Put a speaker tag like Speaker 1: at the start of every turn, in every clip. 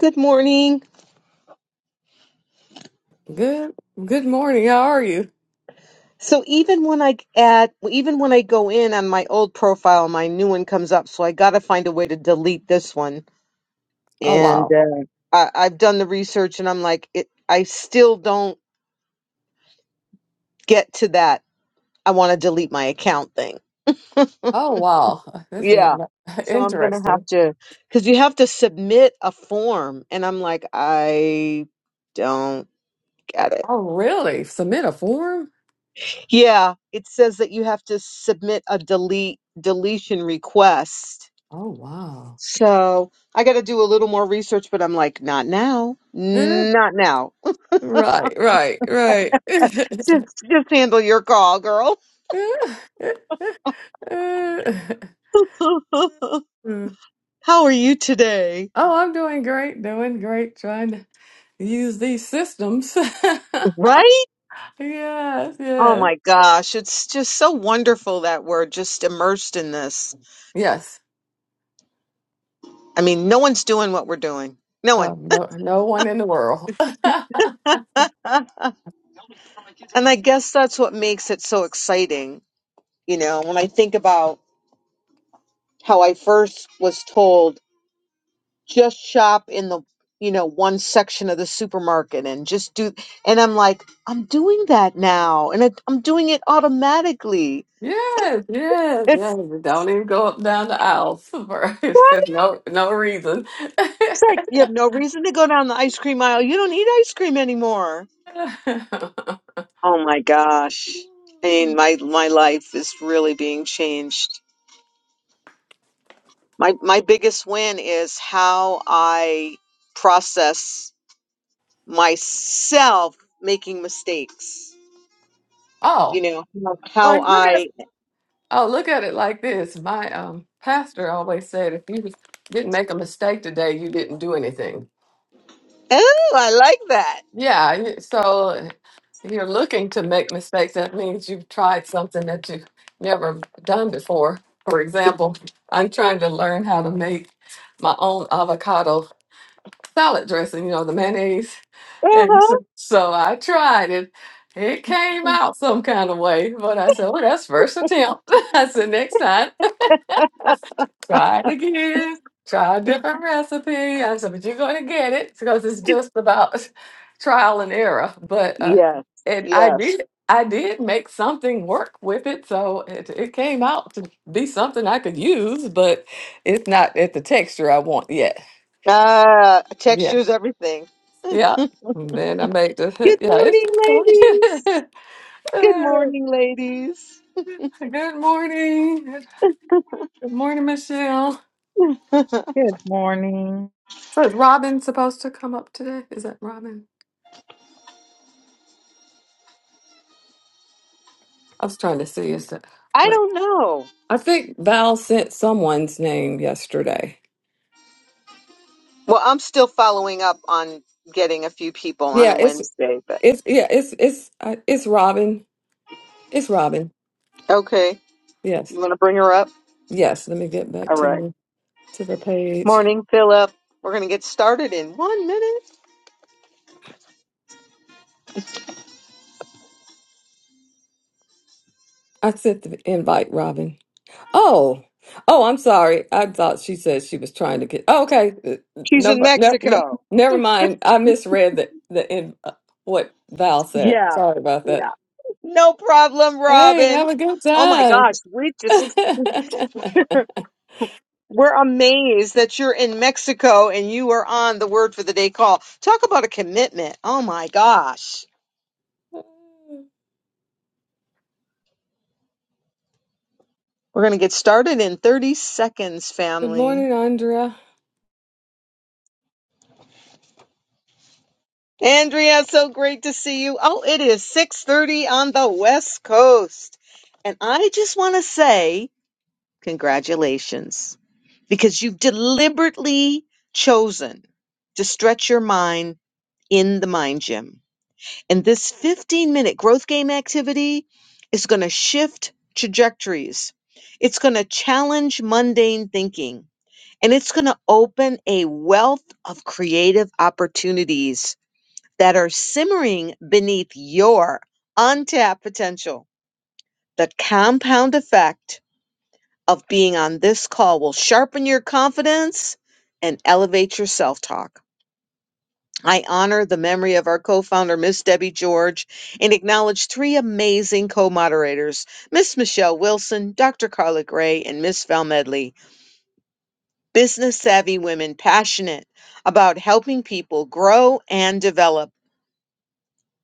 Speaker 1: Good morning.
Speaker 2: Good good morning. How are you?
Speaker 1: So even when I add, even when I go in on my old profile, my new one comes up. So I got to find a way to delete this one.
Speaker 2: Oh
Speaker 1: And
Speaker 2: wow.
Speaker 1: uh, I, I've done the research, and I'm like, it, I still don't get to that. I want to delete my account thing.
Speaker 2: Oh wow. This is
Speaker 1: Yeah.
Speaker 2: ama-
Speaker 1: So I'm gonna have
Speaker 2: interesting.
Speaker 1: to, because you have to submit a form, and I'm like, I don't get it.
Speaker 2: Oh really? Submit a form?
Speaker 1: Yeah, it says that you have to submit a delete deletion request
Speaker 2: Oh wow.
Speaker 1: So I got to do a little more research, but I'm like, not now,
Speaker 2: Eh,
Speaker 1: not now.
Speaker 2: Right, right, right.
Speaker 1: Just, just handle your call, girl.
Speaker 2: Mm.
Speaker 1: How are you today?
Speaker 2: Oh, I'm doing great, doing great, trying to use these systems.
Speaker 1: Right?
Speaker 2: Yes,
Speaker 1: Oh
Speaker 2: yes.
Speaker 1: my gosh, it's just so wonderful that we're just immersed in this.
Speaker 2: Yes.
Speaker 1: I mean, no one's doing what we're doing. No one.
Speaker 2: Um, no no one in the world.
Speaker 1: and I guess that's what makes it so exciting. You know, when I think about how I first was told just shop in the you know one section of the supermarket and just do and i'm like i'm doing that now and it, i'm doing it automatically
Speaker 2: Yes, yes, yes.
Speaker 1: it's
Speaker 2: Don't even go up down the aisle for there's no no reason.
Speaker 1: it's like you have no reason to go down the ice cream aisle you don't eat ice cream anymore oh my gosh i mean my my life is really being changed my my biggest win is how i process myself making mistakes
Speaker 2: Oh,
Speaker 1: you know how how
Speaker 2: like look at
Speaker 1: i
Speaker 2: oh look at it like this. My um pastor always said if you didn't make a mistake today, you didn't do anything.
Speaker 1: Oh, I like that.
Speaker 2: Yeah, you- so you're looking to make mistakes. That means you've tried something that you've never done before. For example, I'm trying to learn how to make my own avocado salad dressing, you know, the mayonnaise. And so,
Speaker 1: Uh-huh.
Speaker 2: so I tried it. It came out some kind of way, but I said, "Oh, that's first attempt." I said, "Next time, try it again. Try a different recipe." I said, "But you're going to get it because it's just about trial and error." But uh,
Speaker 1: Yes,
Speaker 2: it, I
Speaker 1: yes.
Speaker 2: did, I did make something work with it, so it, it came out to be something I could use, but it's not at the texture I want yet.
Speaker 1: Uh, textures, everything.
Speaker 2: Yeah. And then I make the
Speaker 1: Good
Speaker 2: yeah, it's
Speaker 1: morning, ladies. Good morning, ladies.
Speaker 2: Good morning. Good morning, Michelle.
Speaker 3: Good morning.
Speaker 2: So is Robin supposed to come up today? Is that Robin? I was trying to see is that
Speaker 1: I
Speaker 2: what
Speaker 1: don't know.
Speaker 2: I think Val sent someone's name yesterday.
Speaker 1: Well, I'm still following up on getting a few people on
Speaker 2: Yeah,
Speaker 1: a
Speaker 2: it's
Speaker 1: Wednesday, but
Speaker 2: it's yeah, it's it's uh, it's Robin. It's Robin.
Speaker 1: okay.
Speaker 2: Yes.
Speaker 1: You want to bring her up?
Speaker 2: Yes, let me get back
Speaker 1: All
Speaker 2: to
Speaker 1: right.
Speaker 2: the to the page.
Speaker 1: Morning, Philip. We're going to get started in one minute.
Speaker 2: I sent the invite, Robin. Oh, oh, I'm sorry. I thought she said she was trying to get. Oh, okay, Uh,
Speaker 1: She's in
Speaker 2: never, never,
Speaker 1: Mexico.
Speaker 2: never mind. I misread the the end, uh, what Val said.
Speaker 1: Yeah.
Speaker 2: Sorry about that.
Speaker 1: Yeah. No problem,
Speaker 2: Hey,
Speaker 1: Robin.
Speaker 2: have a good
Speaker 1: Oh my
Speaker 2: time.
Speaker 1: gosh. We just We're amazed that you're in Mexico and you are on the Word for the Day call. Talk about a commitment. Oh my gosh. We're going to get started in 30 seconds,
Speaker 2: Good
Speaker 1: family.
Speaker 2: morning, Andrea.
Speaker 1: Andrea, so great to see you. Oh, it is 6:30 on the West Coast. And I just want to say congratulations because you've deliberately chosen to stretch your mind in the mind gym. And this 15 minute growth game activity is going to shift trajectories. It's going to challenge mundane thinking and it's going to open a wealth of creative opportunities that are simmering beneath your untapped potential. The compound effect of being on this call will sharpen your confidence and elevate your self talk. I honor the memory of our co founder, Miss Debbie George, and acknowledge three amazing co moderators Miss Michelle Wilson, Dr. Carla Gray, and Miss Val Medley. Business savvy women passionate about helping people grow and develop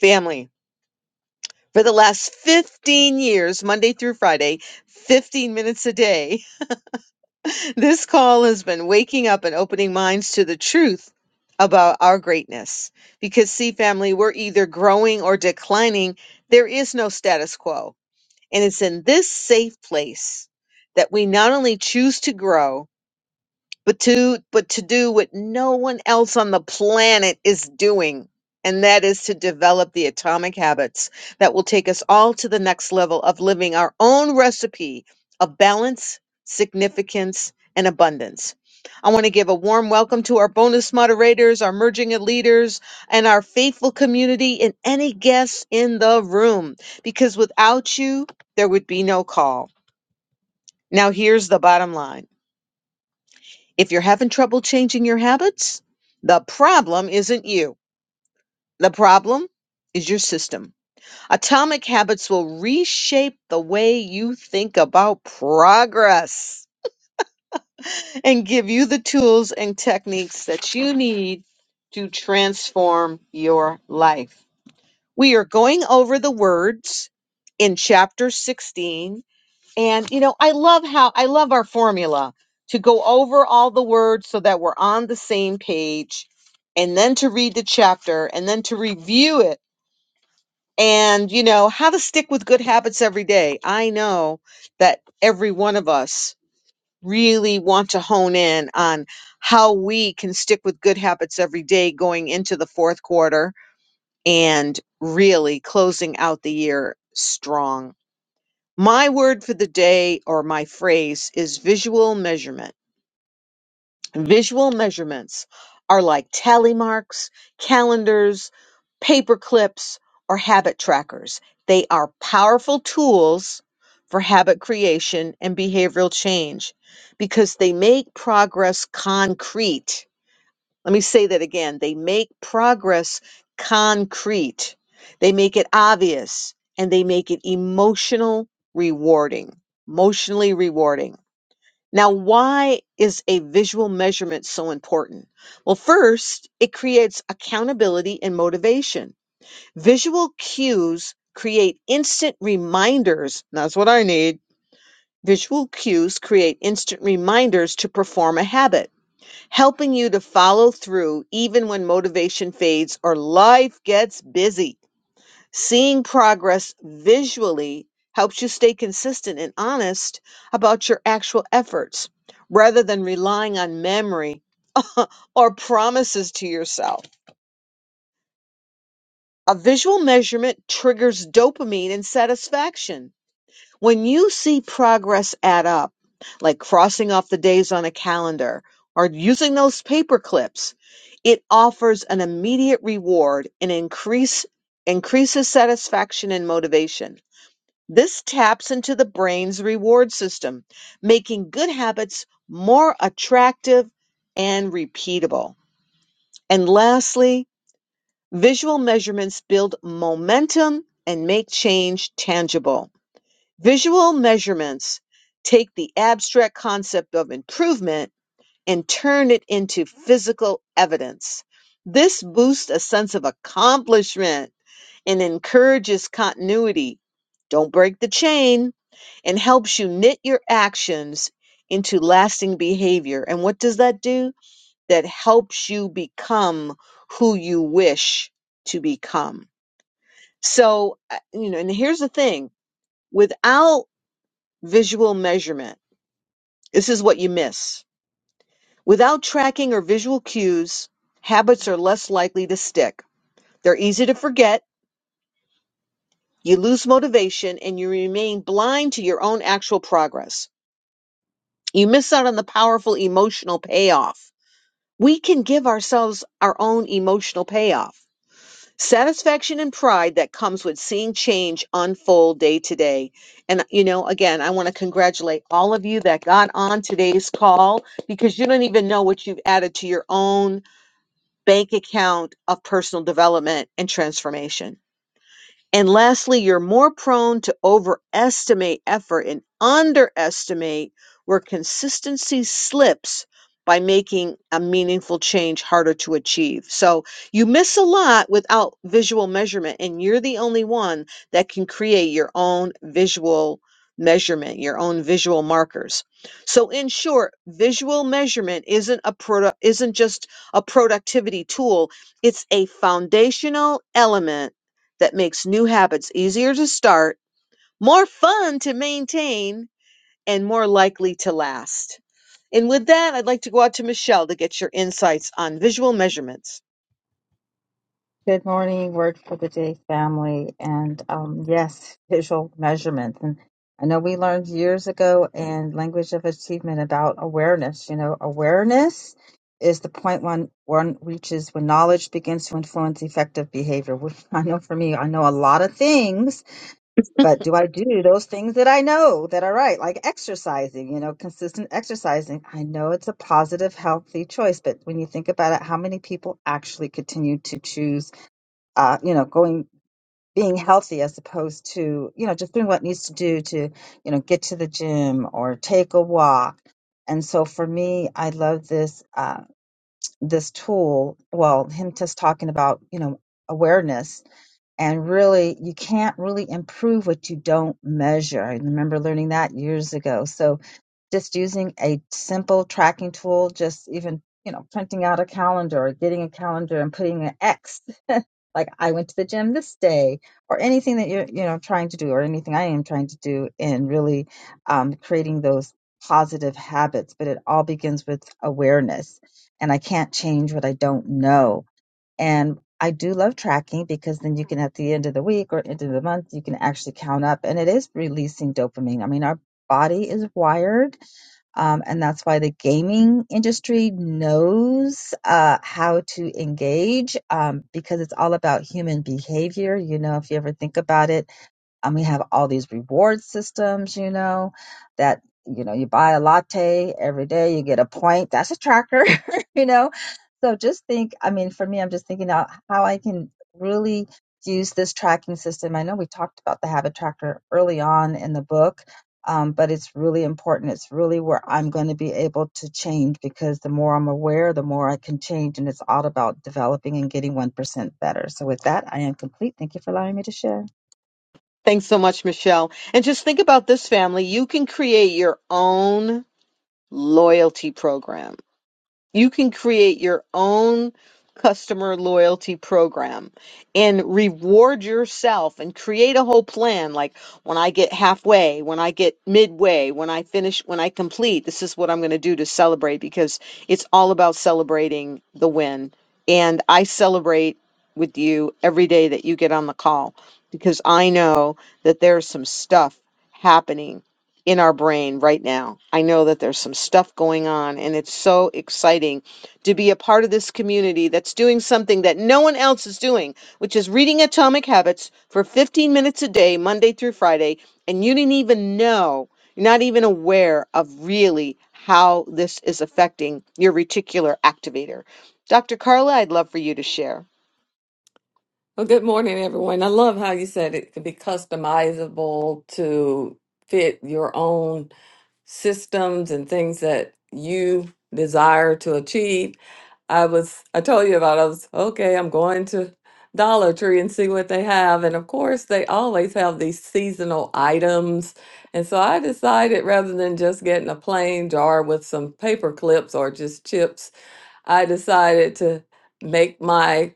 Speaker 1: family. For the last 15 years, Monday through Friday, 15 minutes a day. This call has been waking up and opening minds to the truth about our greatness. Because, see, family, we're either growing or declining. There is no status quo. And it's in this safe place that we not only choose to grow, but to but to do what no one else on the planet is doing and that is to develop the atomic habits that will take us all to the next level of living our own recipe of balance significance and abundance I want to give a warm welcome to our bonus moderators, our merging of leaders, and our faithful community, and any guests in the room, because without you, there would be no call. Now, here's the bottom line. If you're having trouble changing your habits, the problem isn't you. The problem is your system. Atomic habits will reshape the way you think about progress and give you the tools and techniques that you need to transform your life. We are going over the words in chapter 16 And you know, I love how I love our formula to go over all the words so that we're on the same page and then to read the chapter and then to review it and you know, how to stick with good habits every day. I know that every one of us really want to hone in on how we can stick with good habits every day going into the fourth quarter and really closing out the year strong. My word for the day or my phrase is visual measurement. Visual measurements are like tally marks, calendars, paper clips, or habit trackers. They are powerful tools for habit creation and behavioral change because they make progress concrete let me say that again. They make progress concrete, they make it obvious, and they make it emotional rewarding, emotionally rewarding. Now, why is a visual measurement so important? Well, first, it creates accountability and motivation. Visual cues create instant reminders. and That's what I need. Visual cues create instant reminders to perform a habit helping you to follow through even when motivation fades or life gets busy. Seeing progress visually helps you stay consistent and honest about your actual efforts rather than relying on memory or promises to yourself. A visual measurement triggers dopamine and satisfaction When you see progress add up, like crossing off the days on a calendar or using those paper clips, it offers an immediate reward and increase increases satisfaction and motivation. This taps into the brain's reward system, making good habits more attractive and repeatable. And lastly, visual measurements build momentum and make change tangible. Visual measurements take the abstract concept of improvement and turn it into physical evidence. This boosts a sense of accomplishment and encourages continuity. Don't break the chain and helps you knit your actions into lasting behavior. And what does that do? That helps you become who you wish to become. So, uh, you know, and here's the thing without visual measurement, This is what you miss. Without tracking or visual cues, habits are less likely to stick. They're easy to forget, you lose motivation, and you remain blind to your own actual progress. You miss out on the powerful emotional payoff. We can give ourselves our own emotional payoff. Satisfaction and pride that comes with seeing change unfold day to day. And, you know, again, I want to congratulate all of you that got on today's call because you don't even know what you've added to your own bank account of personal development and transformation. And lastly, you're more prone to overestimate effort and underestimate where consistency slips by making a meaningful change harder to achieve. So you miss a lot without visual measurement, and you're the only one that can create your own visual measurement, your own visual markers. So in short, visual measurement isn't a product isn't just a productivity tool, it's a foundational element that makes new habits easier to start, more fun to maintain, and more likely to last. And with that, I'd like to go out to Michelle to get your insights on visual measurements.
Speaker 3: Good morning, Word for the Day family. And um, yes, visual measurements. And I know we learned years ago in Language of Achievement about awareness. You know, awareness is the point one one reaches when knowledge begins to influence effective behavior. Which I know for me, I know a lot of things but do I do those things that I know that are right, like exercising, you know, consistent exercising? I know it's a positive, healthy choice, but when you think about it, how many people actually continue to choose, uh, you know, going, being healthy as opposed to, you know, just doing what needs to do to, you know, get to the gym or take a walk. And so for me, I love this, uh, this tool. Well, him just talking about, you know, awareness and really you can't really improve what you don't measure i remember learning that years ago so just using a simple tracking tool just even you know printing out a calendar or getting a calendar and putting an x like i went to the gym this day or anything that you're you know trying to do or anything i am trying to do and really um, creating those positive habits but it all begins with awareness and i can't change what i don't know and I do love tracking because then you can, at the end of the week or end of the month, you can actually count up and it is releasing dopamine. I mean, our body is wired. Um, and that's why the gaming industry knows uh, how to engage um, because it's all about human behavior. You know, if you ever think about it, and we have all these reward systems you know that you know you buy a latte every day you get a point that's a tracker you know so just think i mean for me i'm just thinking out how i can really use this tracking system i know we talked about the habit tracker early on in the book um, but it's really important it's really where i'm going to be able to change because the more i'm aware the more i can change and it's all about developing and getting 1% better so with that i am complete thank you for allowing me to share
Speaker 1: Thanks so much, Michelle. And just think about this family. You can create your own loyalty program you can create your own customer loyalty program and reward yourself and create a whole plan like when i get halfway when i get midway when i finish when i complete this is what i'm going to do to celebrate because it's all about celebrating the win and i celebrate with you every day that you get on the call because i know that there's some stuff happening in our brain right now. I know that there's some stuff going on, and it's so exciting to be a part of this community that's doing something that no one else is doing, which is reading Atomic Habits for 15 minutes a day, Monday through Friday. And you didn't even know, you're not even aware of really how this is affecting your reticular activator. Dr. Carla, I'd love for you to share.
Speaker 2: Well, good morning, everyone. I love how you said it could be customizable to fit your own systems and things that you desire to achieve. I was, I told you about, I was, okay, I'm going to Dollar Tree and see what they have. And of course, they always have these seasonal items. And so I decided rather than just getting a plain jar with some paper clips or just chips, I decided to make my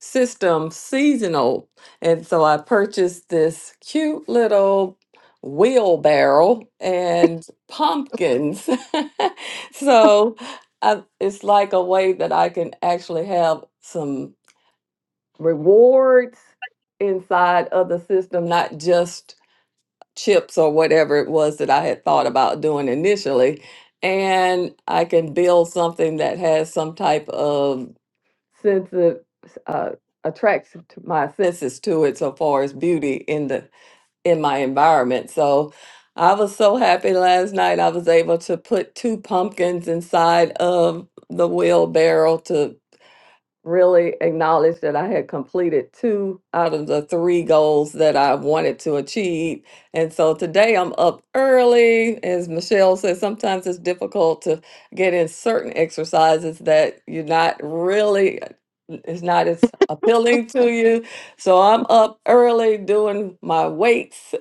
Speaker 2: system seasonal. And so I purchased this cute little wheelbarrow and pumpkins. so I, it's like a way that I can actually have some rewards inside of the system, not just chips or whatever it was that I had thought about doing initially. And I can build something that has some type of sense of uh, attracts to my senses to it so far as beauty in the in my environment. So I was so happy last night I was able to put two pumpkins inside of the wheelbarrow to really acknowledged that I had completed two out of the three goals that I wanted to achieve. And so today I'm up early. As Michelle said, sometimes it's difficult to get in certain exercises that you're not really it's not as appealing to you. So I'm up early doing my weights.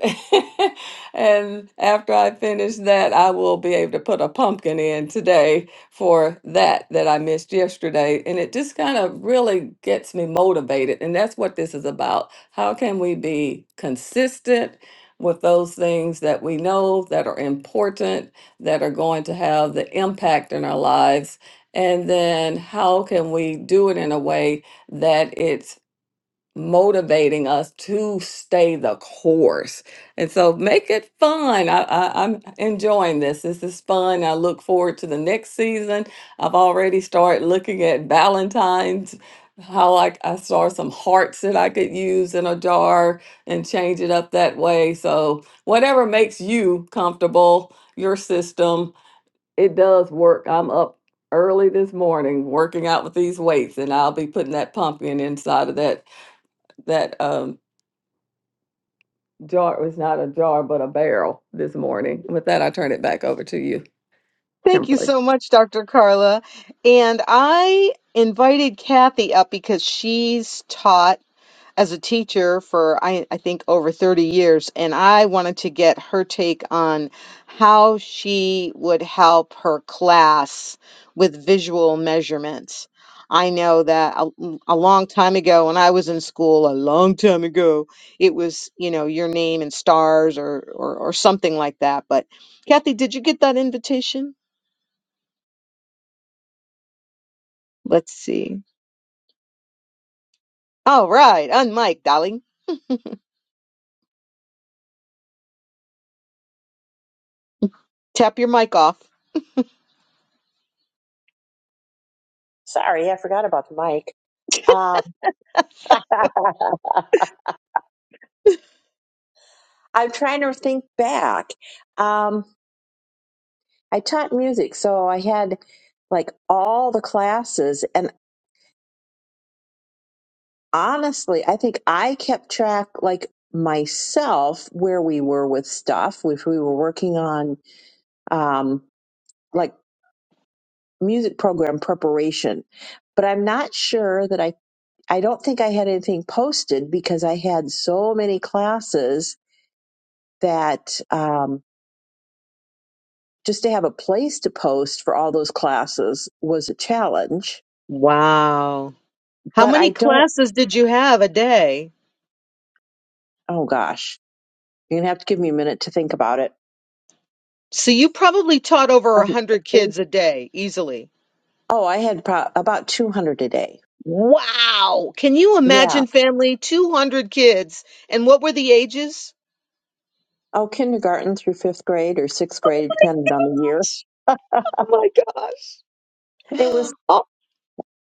Speaker 2: and after I finish that, I will be able to put a pumpkin in today for that that I missed yesterday. And it just kind of really gets me motivated. And that's what this is about. How can we be consistent with those things that we know that are important, that are going to have the impact in our lives? And then how can we do it in a way that it's motivating us to stay the course. And so make it fun. I, I, I'm enjoying this. This is fun. I look forward to the next season. I've already started looking at Valentine's, how I, I saw some hearts that I could use in a jar and change it up that way. So whatever makes you comfortable, your system, it does work. I'm up early this morning working out with these weights and I'll be putting that pumpkin inside of that that um, jar was not a jar, but a barrel this morning. With that, I turn it back over to you,
Speaker 1: Thank you
Speaker 2: Kimberly.
Speaker 1: so much, Dr. Carla. And I invited Kathy up because she's taught as a teacher for I, I think over 30 years and i wanted to get her take on how she would help her class with visual measurements i know that a, a long time ago when i was in school a long time ago it was you know your name and stars or or, or something like that but kathy did you get that invitation let's see all right unmic darling tap your mic off
Speaker 4: Sorry, I forgot about the mic. Um, I'm trying to think back. Um, I taught music, so I had like all the classes, and honestly, I think I kept track like myself where we were with stuff, if we were working on um, like music program preparation. But I'm not sure that I. I don't think I had anything posted because I had so many classes that. Um, just to have a place to post for all those classes was a challenge.
Speaker 1: Wow. How
Speaker 4: But I
Speaker 1: many
Speaker 4: don't,
Speaker 1: classes did you have a day?
Speaker 4: oh gosh, you're going to have to give me a minute to think about it.
Speaker 1: So you probably taught over a hundred
Speaker 4: Um,
Speaker 1: kids a day easily.
Speaker 4: Oh, I had pro- about 200 a day.
Speaker 1: Wow. Can you
Speaker 4: Yeah.
Speaker 1: imagine family 200 kids and what were the ages?
Speaker 4: Oh, kindergarten through fifth grade or sixth grade, depending on the year.
Speaker 1: Oh my gosh.
Speaker 4: it was,
Speaker 1: Oh.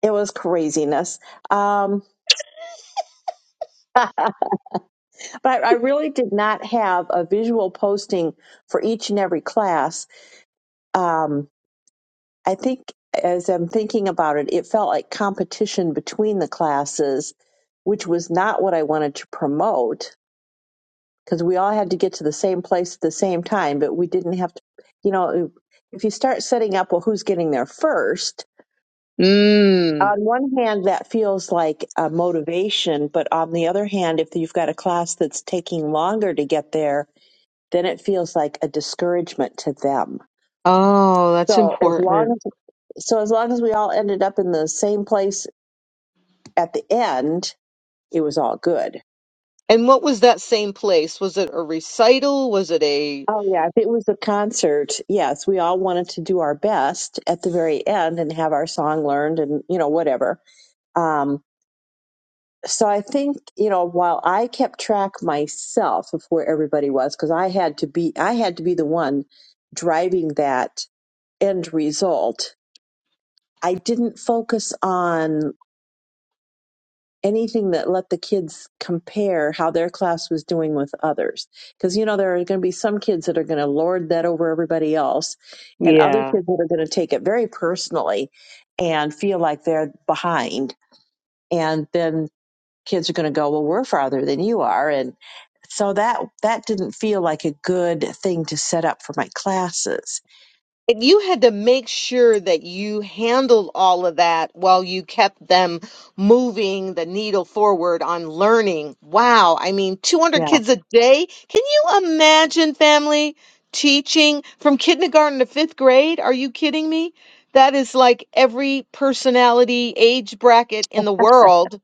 Speaker 4: it was craziness. Um, but I, I really did not have a visual posting for each and every class. Um, I think as I'm thinking about it, it felt like competition between the classes, which was not what I wanted to promote because we all had to get to the same place at the same time, but we didn't have to, you know, if you start setting up, well, who's getting there first?
Speaker 1: Mm.
Speaker 4: On one hand, that feels like a motivation, but on the other hand, if you've got a class that's taking longer to get there, then it feels like a discouragement to them.
Speaker 1: Oh, that's
Speaker 4: So as long
Speaker 1: important.
Speaker 4: as so as long as we all ended up in the same place at the end, it was all good.
Speaker 1: And what was that same place? Was it a recital? Was it a
Speaker 4: Oh yeah, if it was a concert, yes, we all wanted to do our best at the very end and have our song learned and you know whatever. Um, so I think you know while I kept track myself of where everybody was because I had to be I had to be the one driving that end result. I didn't focus on anything that let the kids compare how their class was doing with others. Because, you know, there are going to be some kids that are going to lord that over everybody else, and other
Speaker 1: Yeah.
Speaker 4: kids that are going to take it very personally and feel like they're behind. And then kids are going to go, well, we're farther than you are. And so that that didn't feel like a good thing to set up for my classes.
Speaker 1: And you had to make sure that you handled all of that while you kept them moving the needle forward on learning. Wow. I mean, 200
Speaker 4: Yeah.
Speaker 1: kids a day. Can you imagine family teaching from kindergarten to fifth grade? Are you kidding me? That is like every personality age bracket in the world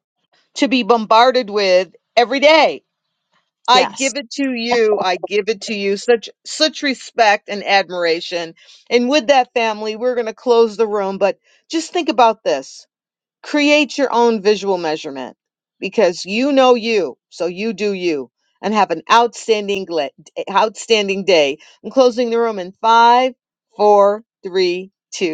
Speaker 1: to be bombarded with every day. I
Speaker 4: Yes.
Speaker 1: give it to you. I give it to you. Such such respect and admiration. And with that family, we're going to close the room, but just think about this. Create your own visual measurement because you know you, so you do you. And have an outstanding gla- outstanding day. I'm closing the room in five, four, three, two.